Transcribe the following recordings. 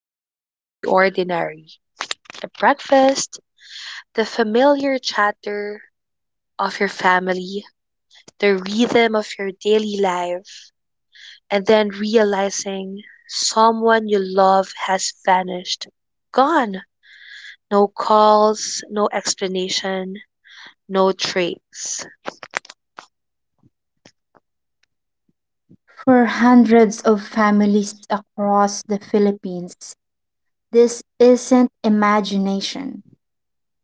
expecting the ordinary, the breakfast, the familiar chatter of your family, the rhythm of your daily life, and then realizing someone you love has vanished. Gone. No calls, no explanation, no trace. For hundreds of families across the Philippines, this isn't imagination.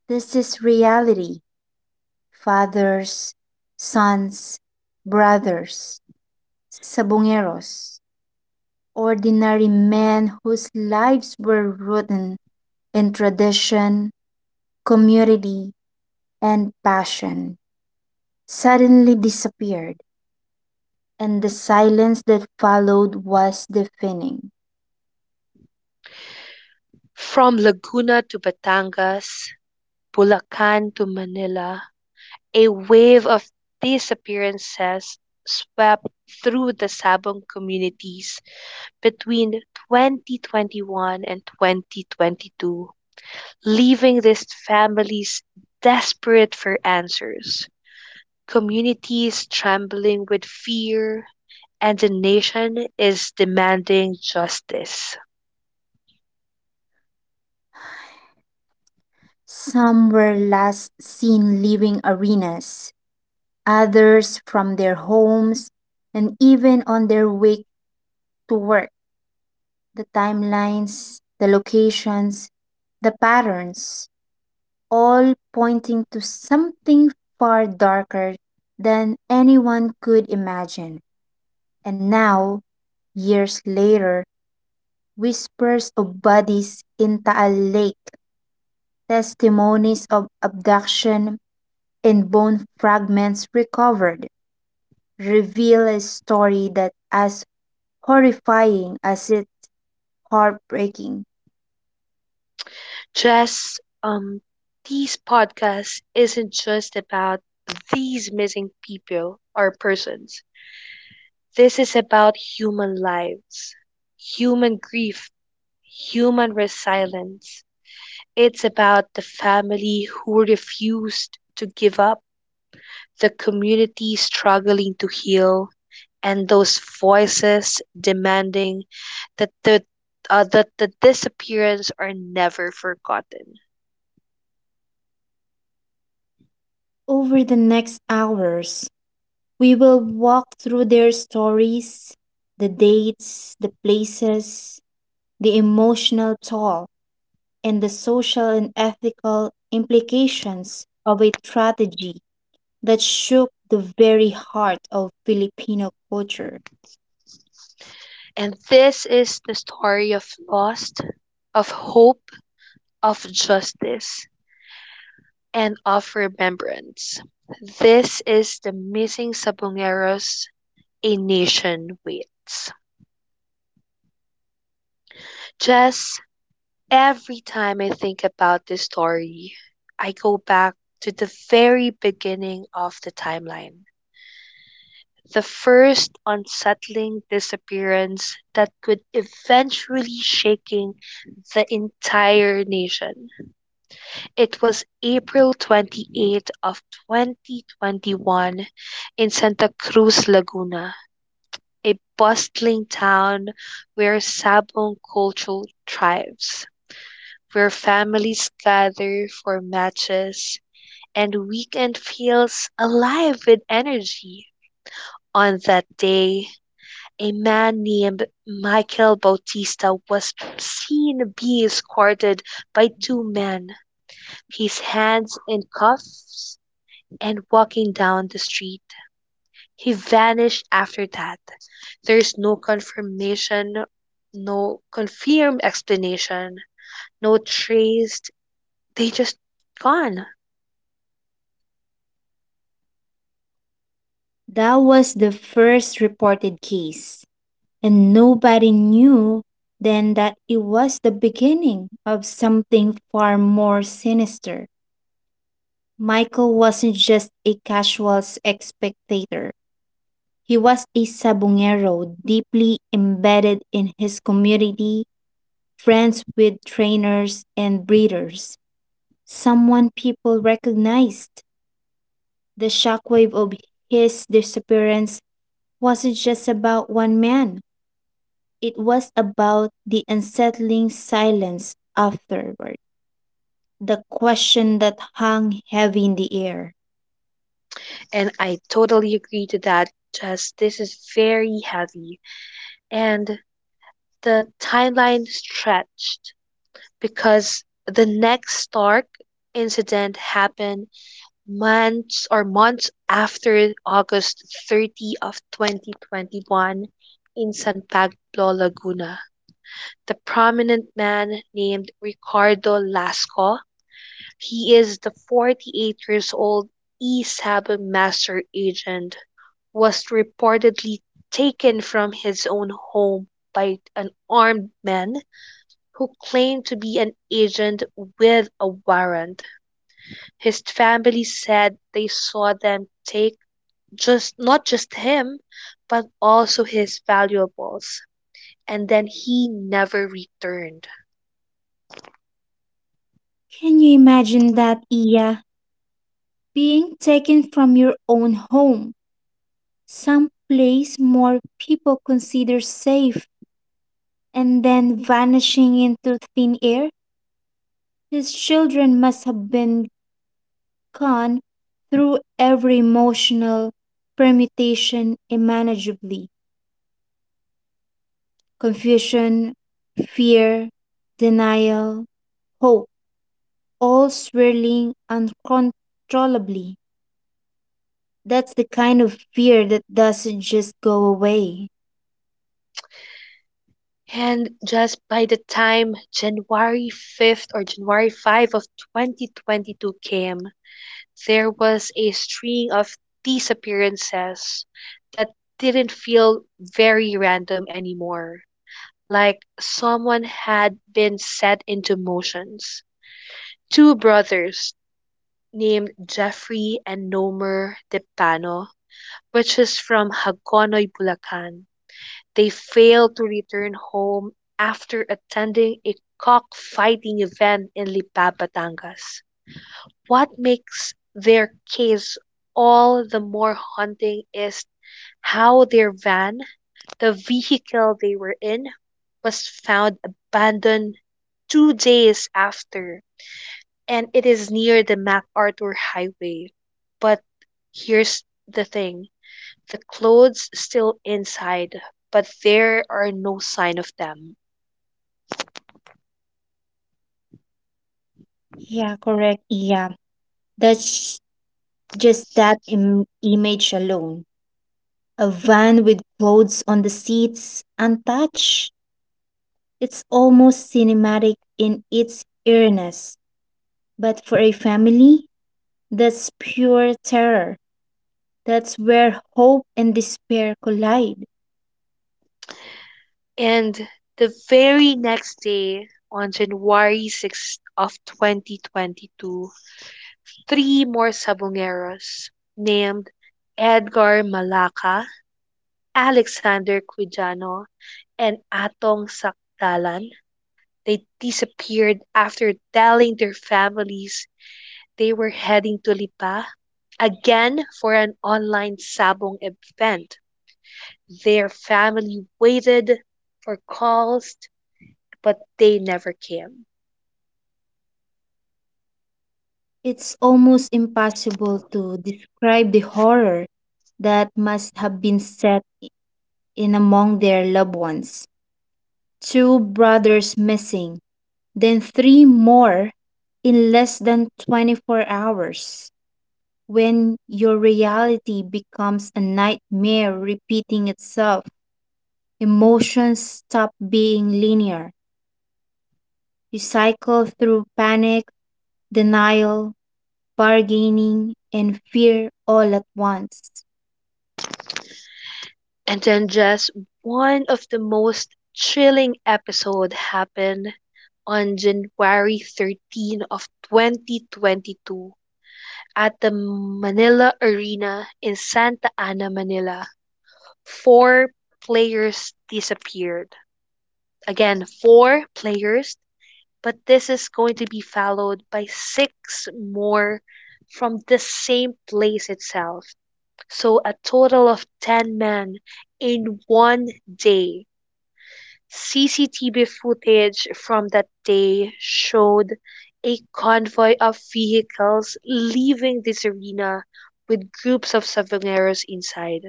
This is reality. Fathers, sons, brothers, sabongeros, ordinary men whose lives were rooted in tradition, community, and passion, suddenly disappeared, and the silence that followed was deafening. From Laguna to Batangas, Bulacan to Manila, a wave of disappearances swept through the Sabong communities between 2021 and 2022, leaving these families desperate for answers, communities trembling with fear, and the nation is demanding justice. Some were last seen leaving arenas, others from their homes, and even on their way to work. The timelines, the locations, the patterns, all pointing to something far darker than anyone could imagine. And now, years later, whispers of bodies in Taal Lake, testimonies of abduction, and bone fragments recovered reveal a story that as horrifying as it's heartbreaking. Just This podcast isn't just about these missing people or persons. This is about human lives, human grief, human resilience. It's about the family who refused to give up, the community struggling to heal, and those voices demanding that the disappearance are never forgotten. Over the next hours, we will walk through their stories, the dates, the places, the emotional toll, and the social and ethical implications of a tragedy that shook the very heart of Filipino culture. And this is the story of lost, of hope, of justice, and of remembrance. This is the missing Sabongeros, a nation waits. Just every time I think about this story, I go back to the very beginning of the timeline. The first unsettling disappearance that could eventually shaking the entire nation. It was April 28th of 2021 in Santa Cruz, Laguna, a bustling town where Sabong culture thrives, where families gather for matches and weekend feels alive with energy. On that day, a man named Michael Bautista was seen being escorted by two men, his hands in cuffs and walking down the street. He vanished after that. There is no confirmation, no confirmed explanation, no trace. They just gone. That was the first reported case, and nobody knew then that it was the beginning of something far more sinister. Michael wasn't just a casual spectator. He was a sabongero deeply embedded in his community, friends with trainers and breeders, someone people recognized. The shockwave of his disappearance wasn't just about one man. It was about the unsettling silence afterward, the question that hung heavy in the air. And I totally agree to that. Just this is very heavy. And the timeline stretched because the next Stark incident happened months after August 30 of 2021 in San Pablo, Laguna. The prominent man named Ricardo Lasco, he is the 48 years old ESAB master agent, was reportedly taken from his own home by an armed man who claimed to be an agent with a warrant. His family said they saw them take just not just him, but also his valuables. And then he never returned. Can you imagine that, Iya? Being taken from your own home, some place more people consider safe, and then vanishing into thin air? His children must have been gone through every emotional permutation imaginably. Confusion, fear, denial, hope, all swirling uncontrollably. That's the kind of fear that doesn't just go away. And just by the time January 5th or January 5 of 2022 came, there was a string of disappearances that didn't feel very random anymore. Like someone had been set into motions. Two brothers named Jeffrey and Nomer Depano purchased from Hagonoy, Bulacan. They failed to return home after attending a cockfighting event in Lipa, Batangas. What makes their case all the more haunting is how their van, the vehicle they were in, was found abandoned 2 days after, and it is near the MacArthur Highway. But here's the thing, the clothes still inside, but there are no sign of them. Yeah, correct. Yeah, that's just image alone. A van with clothes on the seats, untouched. It's almost cinematic in its eeriness. But for a family, that's pure terror. That's where hope and despair collide. And the very next day, on January 6th of 2022, three more Sabongeros named Edgar Malaca, Alexander Quijano, and Atong Sakdalan. They disappeared after telling their families they were heading to Lipa again for an online sabong event. Their family waited for calls, but they never came. It's almost impossible to describe the horror that must have been set in among their loved ones. Two brothers missing, then three more in less than 24 hours. When your reality becomes a nightmare repeating itself, emotions stop being linear. You cycle through panic, denial, bargaining, and fear all at once. And then just one of the most chilling episode happened on January 13 of 2022 at the Manila Arena in Santa Ana, Manila, four players disappeared. Again, four players, but this is going to be followed by six more from the same place itself. So a total of 10 men in one day. CCTV footage from that day showed a convoy of vehicles leaving this arena with groups of Savangeros inside,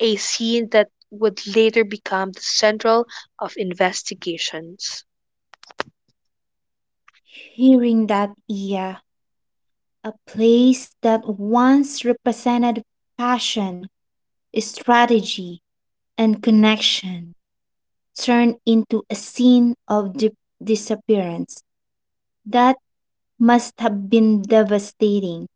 a scene that would later become the central of investigations. Hearing that, yeah, a place that once represented passion, strategy, and connection turned into a scene of disappearance. That must have been devastating.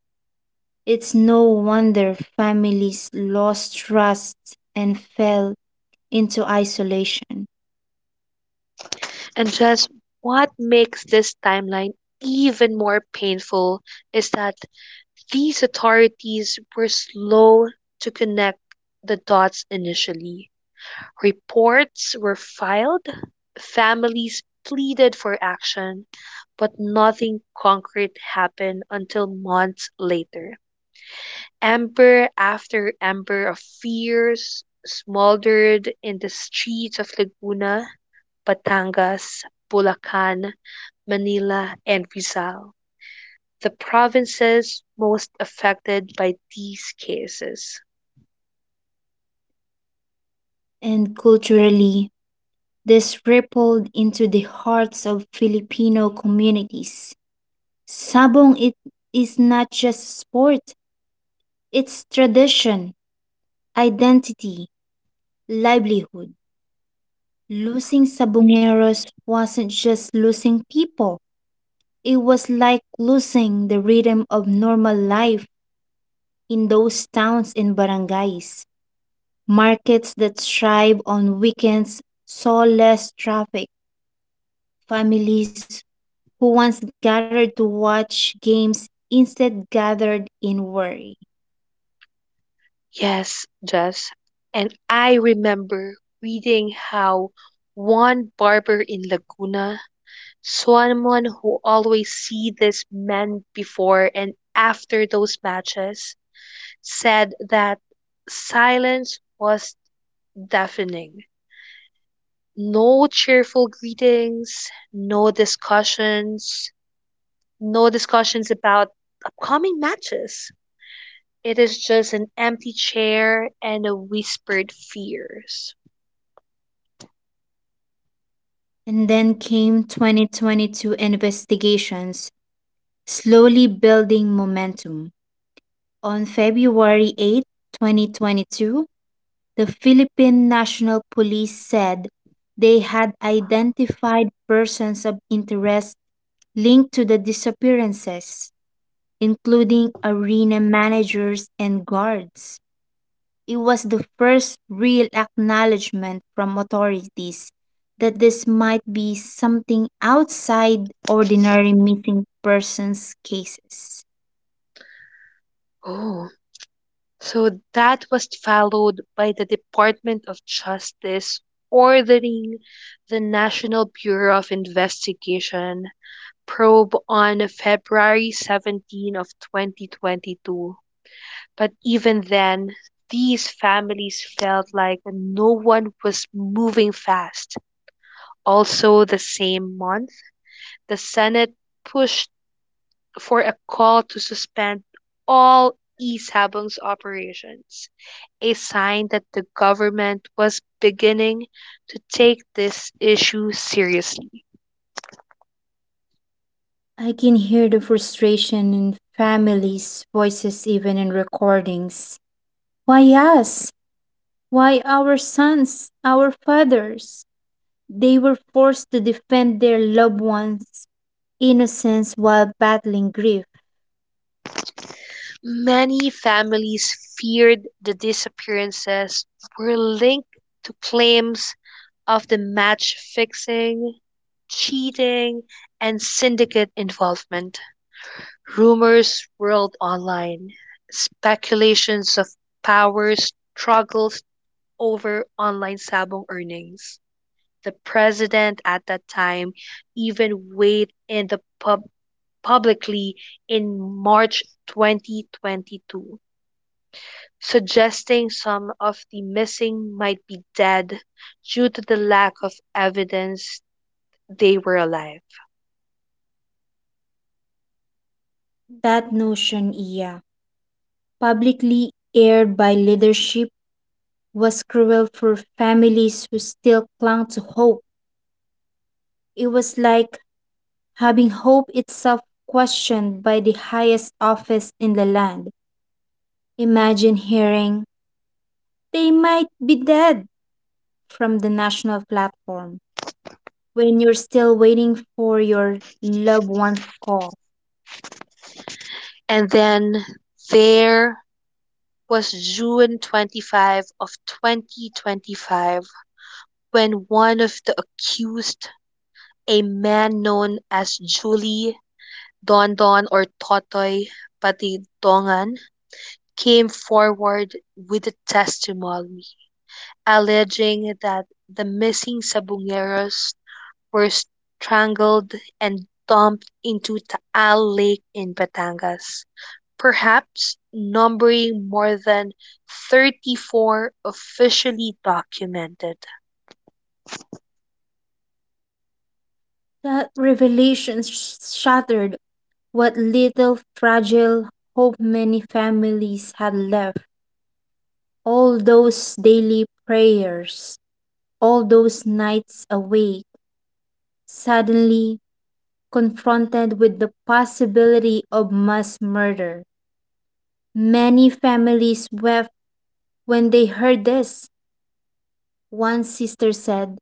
It's no wonder families lost trust and fell into isolation. And just what makes this timeline even more painful is that these authorities were slow to connect the dots initially. Reports were filed, families pleaded for action, but nothing concrete happened until months later. Ember after ember of fears smoldered in the streets of Laguna, Batangas, Bulacan, Manila, and Rizal, the provinces most affected by these cases. And culturally, this rippled into the hearts of Filipino communities. Sabong, it is not just sport, it's tradition, identity, livelihood. Losing Sabongeros wasn't just losing people. It was like losing the rhythm of normal life in those towns and barangays. Markets that thrive on weekends saw less traffic, families who once gathered to watch games instead gathered in worry. Yes, Jess. And I remember reading how one barber in Laguna, someone who always see this man before and after those matches, said that silence was deafening. No cheerful greetings, no discussions about upcoming matches. It is just an empty chair and a whispered fears. And then came 2022 investigations, slowly building momentum. On February 8, 2022, the Philippine National Police said they had identified persons of interest linked to the disappearances, including arena managers and guards. It was the first real acknowledgement from authorities that this might be something outside ordinary missing persons cases. Oh, so that was followed by the Department of Justice ordering the National Bureau of Investigation probe on February 17th of 2022. But even then, these families felt like no one was moving fast. Also the same month, the Senate pushed for a call to suspend all e eSabung's operations, a sign that the government was beginning to take this issue seriously. I can hear the frustration in families' voices, even in recordings. Why us? Why our sons, our fathers? They were forced to defend their loved ones' innocence while battling grief. Many families feared the disappearances were linked to claims of the match fixing, cheating, and syndicate involvement. Rumors swirled online, speculations of power struggles over online sabong earnings. The president at that time even weighed in publicly in March 2022, suggesting some of the missing might be dead due to the lack of evidence they were alive. That notion, yeah, publicly aired by leadership, was cruel for families who still clung to hope. It was like having hope itself questioned by the highest office in the land. Imagine hearing, they might be dead, from the national platform when you're still waiting for your loved one's call. And then there was June 25 of 2025 when one of the accused, a man known as Julie Don Don or Totoy Patidongan, came forward with a testimony, alleging that the missing Sabongeros were strangled and dumped into Taal Lake in Batangas, perhaps numbering more than 34 officially documented. That revelation shattered what little fragile hope many families had left. All those daily prayers, all those nights awake, suddenly confronted with the possibility of mass murder. Many families wept when they heard this. One sister said,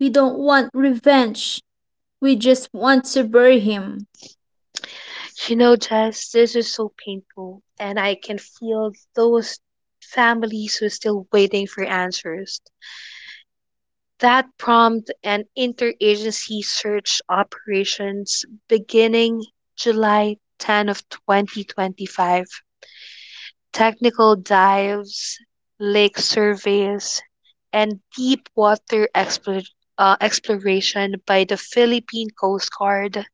"We don't want revenge. We just want to bury him." You know, Jess, this is so painful, and I can feel those families who are still waiting for answers. That prompt an interagency search operations beginning July 10 of 2025. Technical dives, lake surveys, and deep water exploration by the Philippine Coast Guard,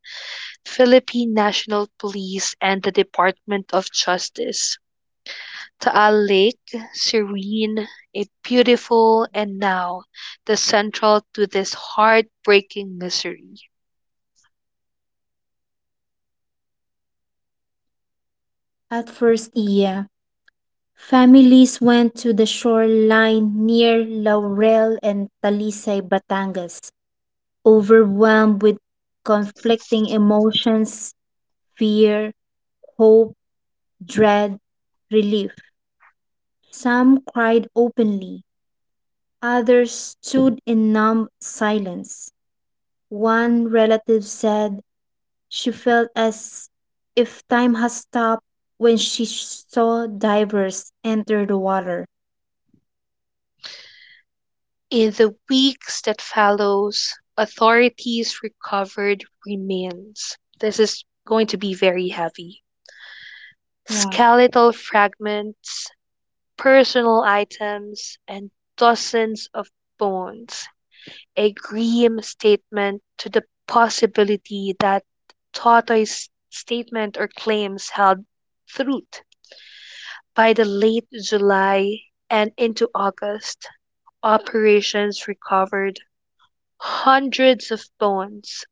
Philippine National Police, and the Department of Justice. Taal Lake, serene, a beautiful, and now the central to this heartbreaking misery. At first, yeah. Families went to the shoreline near Laurel and Talisay, Batangas, overwhelmed with conflicting emotions, fear, hope, dread, relief. Some cried openly, others stood in numb silence. One relative said she felt as if time has stopped when she saw divers enter the water. In the weeks that follows, authorities recovered remains. This is going to be very heavy. Yeah. Skeletal fragments, personal items, and dozens of bones, a grim statement to the possibility that Totoy's statement or claims held truth. By the late July and into August, operations recovered hundreds of bones,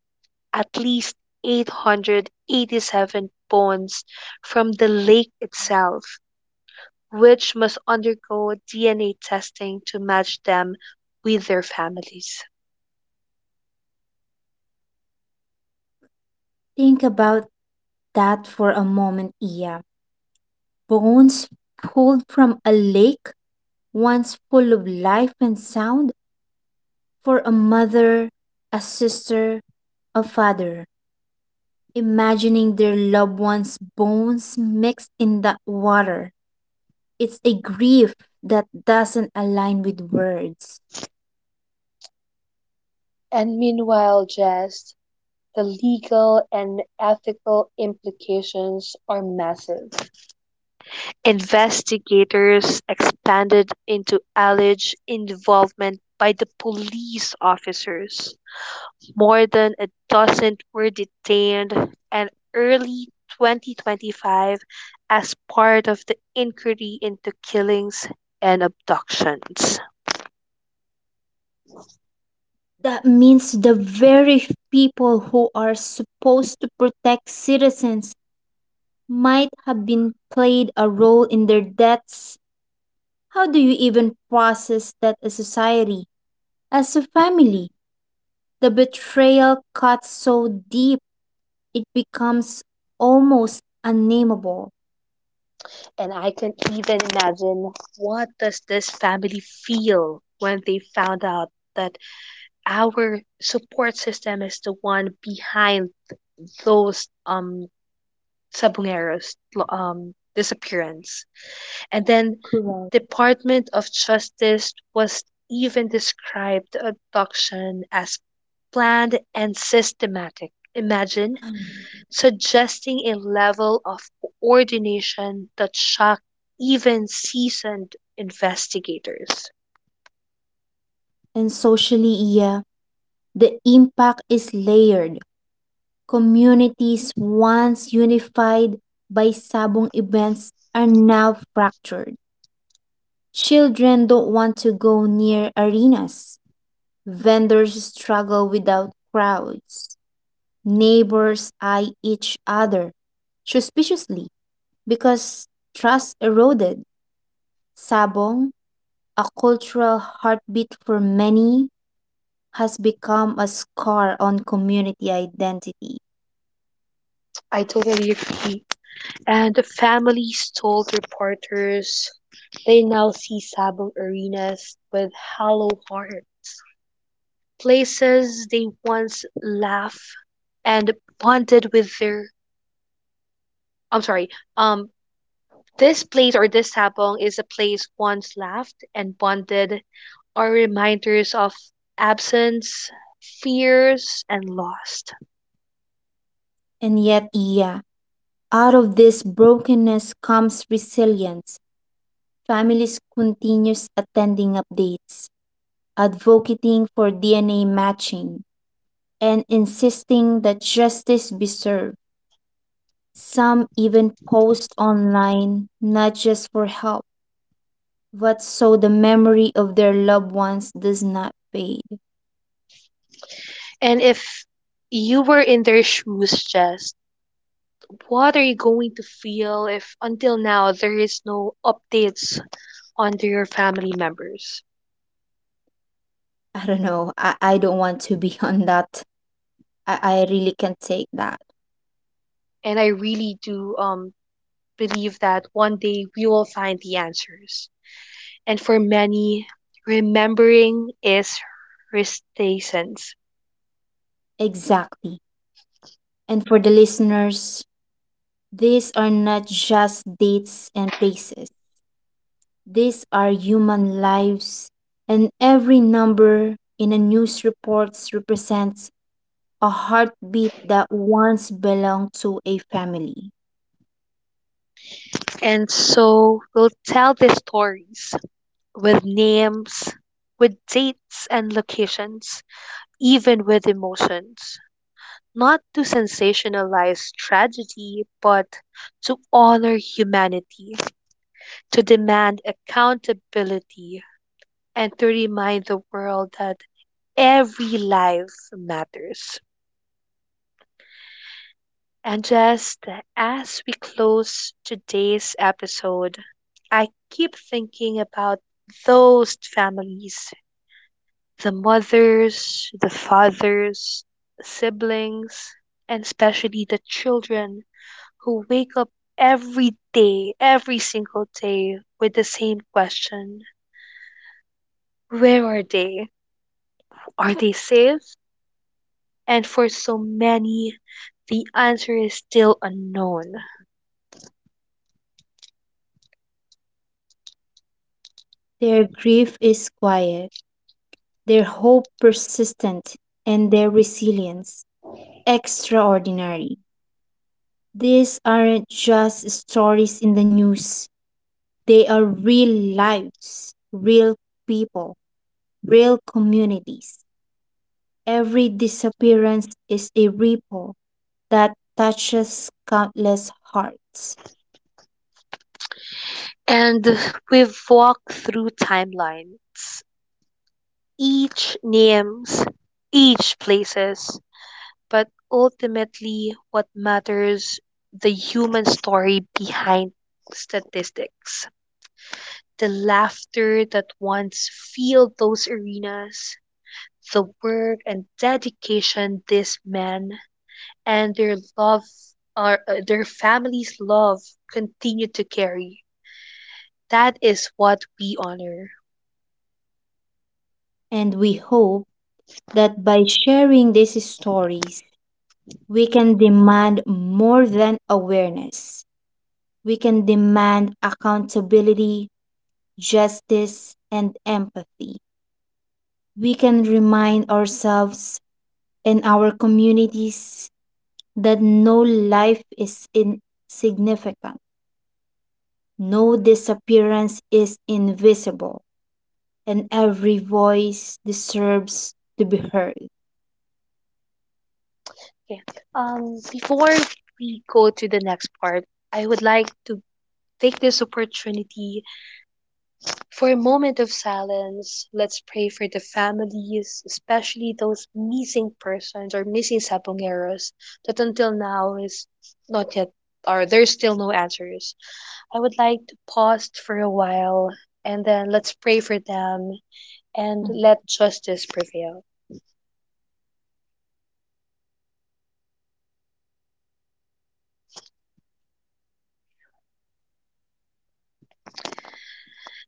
at least 887 bones from the lake itself, which must undergo DNA testing to match them with their families. Think about that for a moment, Iya. Bones pulled from a lake once full of life and sound, for a mother, a sister, a father, imagining their loved one's bones mixed in that water. It's a grief that doesn't align with words. And meanwhile, Jess, the legal and ethical implications are massive. Investigators expanded into alleged involvement by the police officers. More than a dozen were detained in early 2025 as part of the inquiry into killings and abductions. That means the very people who are supposed to protect citizens might have been played a role in their deaths. How do you even process that as society? As a family, the betrayal cuts so deep it becomes almost unnameable. And I can even imagine, what does this family feel when they found out that our support system is the one behind those Sabunero's disappearance. And then Correct. Department of Justice was even described the abduction as planned and systematic. Imagine suggesting a level of coordination that shocked even seasoned investigators. And socially, yeah, the impact is layered. Communities once unified by sabong events are now fractured. Children don't want to go near arenas. Vendors struggle without crowds. Neighbors eye each other suspiciously because trust eroded. Sabong, a cultural heartbeat for many, has become a scar on community identity. I totally agree. And the families told reporters they now see sabo arenas with hollow hearts, places they once laughed and bonded with their. I'm sorry. Um, this place or this sabong is a place once laughed and bonded, are reminders of absence, fears, and lost. And yet, yeah, out of this brokenness comes resilience. Families continues attending updates, advocating for DNA matching, and insisting that justice be served. Some even post online not just for help, but so the memory of their loved ones does not fade. And if you were in their shoes, just what are you going to feel if until now there is no updates on their family members? I don't know. I don't want to be on that. I really can't take that. And I really do believe that one day we will find the answers. And for many, remembering is resistance. Exactly. And for the listeners, these are not just dates and places, these are human lives. And every number in a news reports represents a heartbeat that once belonged to a family. And so we'll tell the stories with names, with dates and locations, even with emotions. Not to sensationalize tragedy, but to honor humanity, to demand accountability, and to remind the world that every life matters. And just as we close today's episode, I keep thinking about those families, the mothers, the fathers, siblings, and especially the children who wake up every day, every single day with the same question, where are they? Are they safe? And for so many, the answer is still unknown. Their grief is quiet, their hope persistent, and their resilience extraordinary. These aren't just stories in the news, they are real lives, real people, real communities. Every disappearance is a ripple that touches countless hearts. And we've walked through timelines, each names, each places, but ultimately what matters, the human story behind statistics. The laughter that once filled those arenas, the work and dedication these men and their love or their families' love continue to carry. That is what we honor. And we hope that by sharing these stories, we can demand more than awareness. We can demand accountability, justice, and empathy. We can remind ourselves in our communities that no life is insignificant, no disappearance is invisible, and every voice deserves to be heard. Okay. Before we go to the next part, I would like to take this opportunity for a moment of silence. Let's pray for the families, especially those missing persons or missing sabongeros that until now is not yet or there's still no answers. I would like to pause for a while and then let's pray for them and Mhm. let justice prevail.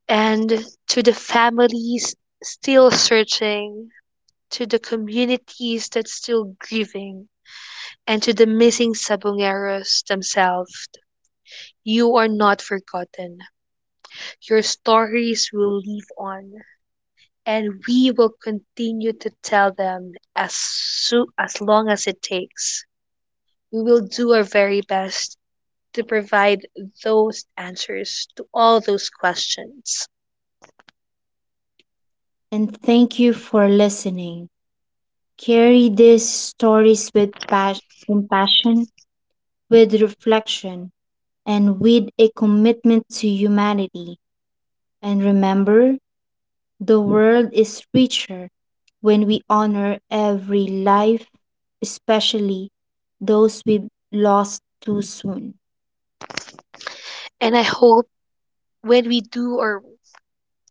And to the families still searching, to the communities that's still grieving, and to the missing Sabongeros themselves. You are not forgotten. Your stories will live on, and we will continue to tell them as long as it takes. We will do our very best to provide those answers to all those questions. And thank you for listening. Carry these stories with compassion, with reflection, and with a commitment to humanity. And remember, the world is richer when we honor every life, especially those we've lost too soon. And I hope when we do our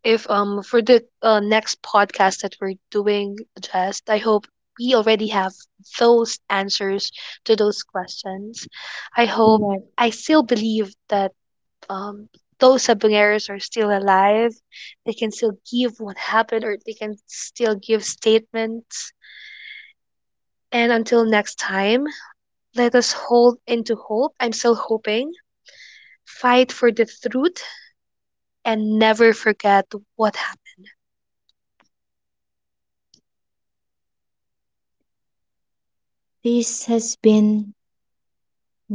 if for the next podcast that we're doing, just I hope we already have those answers to those questions. I hope Right. I still believe that um those Sabangeros are still alive, they can still give what happened or they can still give statements. And until next time, let us hold into hope. I'm still hoping, fight for the truth, and never forget what happened. This has been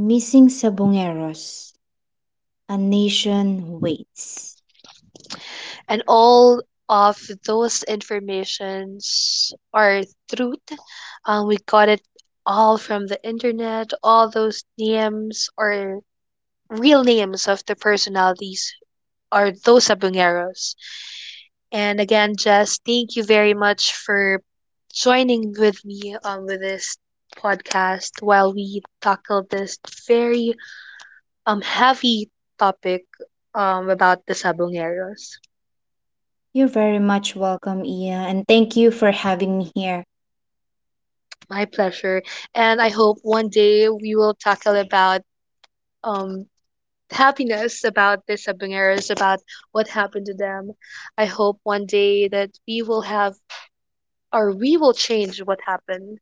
Missing Sabongeros, A Nation Waits. And all of those informations are truth. We got it all from the internet. All those names are real names of the personalities are those abungeros. And again, Jess, thank you very much for joining with me with this podcast while we tackle this very heavy topic about the sabongeros. You're very much welcome, Iya, and thank you for having me here. My pleasure. And I hope one day we will tackle about um happiness, about the Sabangeros, about what happened to them. I hope one day that we will have or we will change what happened.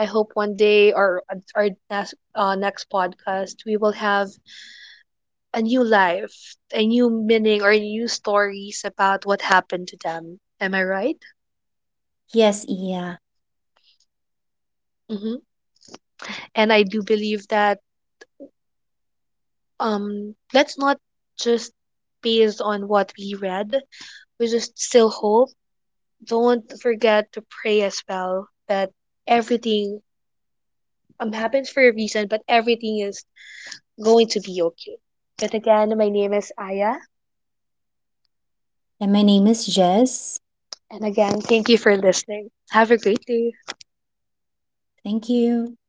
I hope one day or at our next podcast we will have a new life, a new meaning or new stories about what happened to them. Am I right? Yes, Iya. Hmm. And I do believe that let's not just based on what we read, we just still hope. Don't forget to pray as well that everything happens for a reason, but everything is going to be okay. But again, my name is aya. And my name is Jess. And again, thank you for listening, have a great day. Thank you.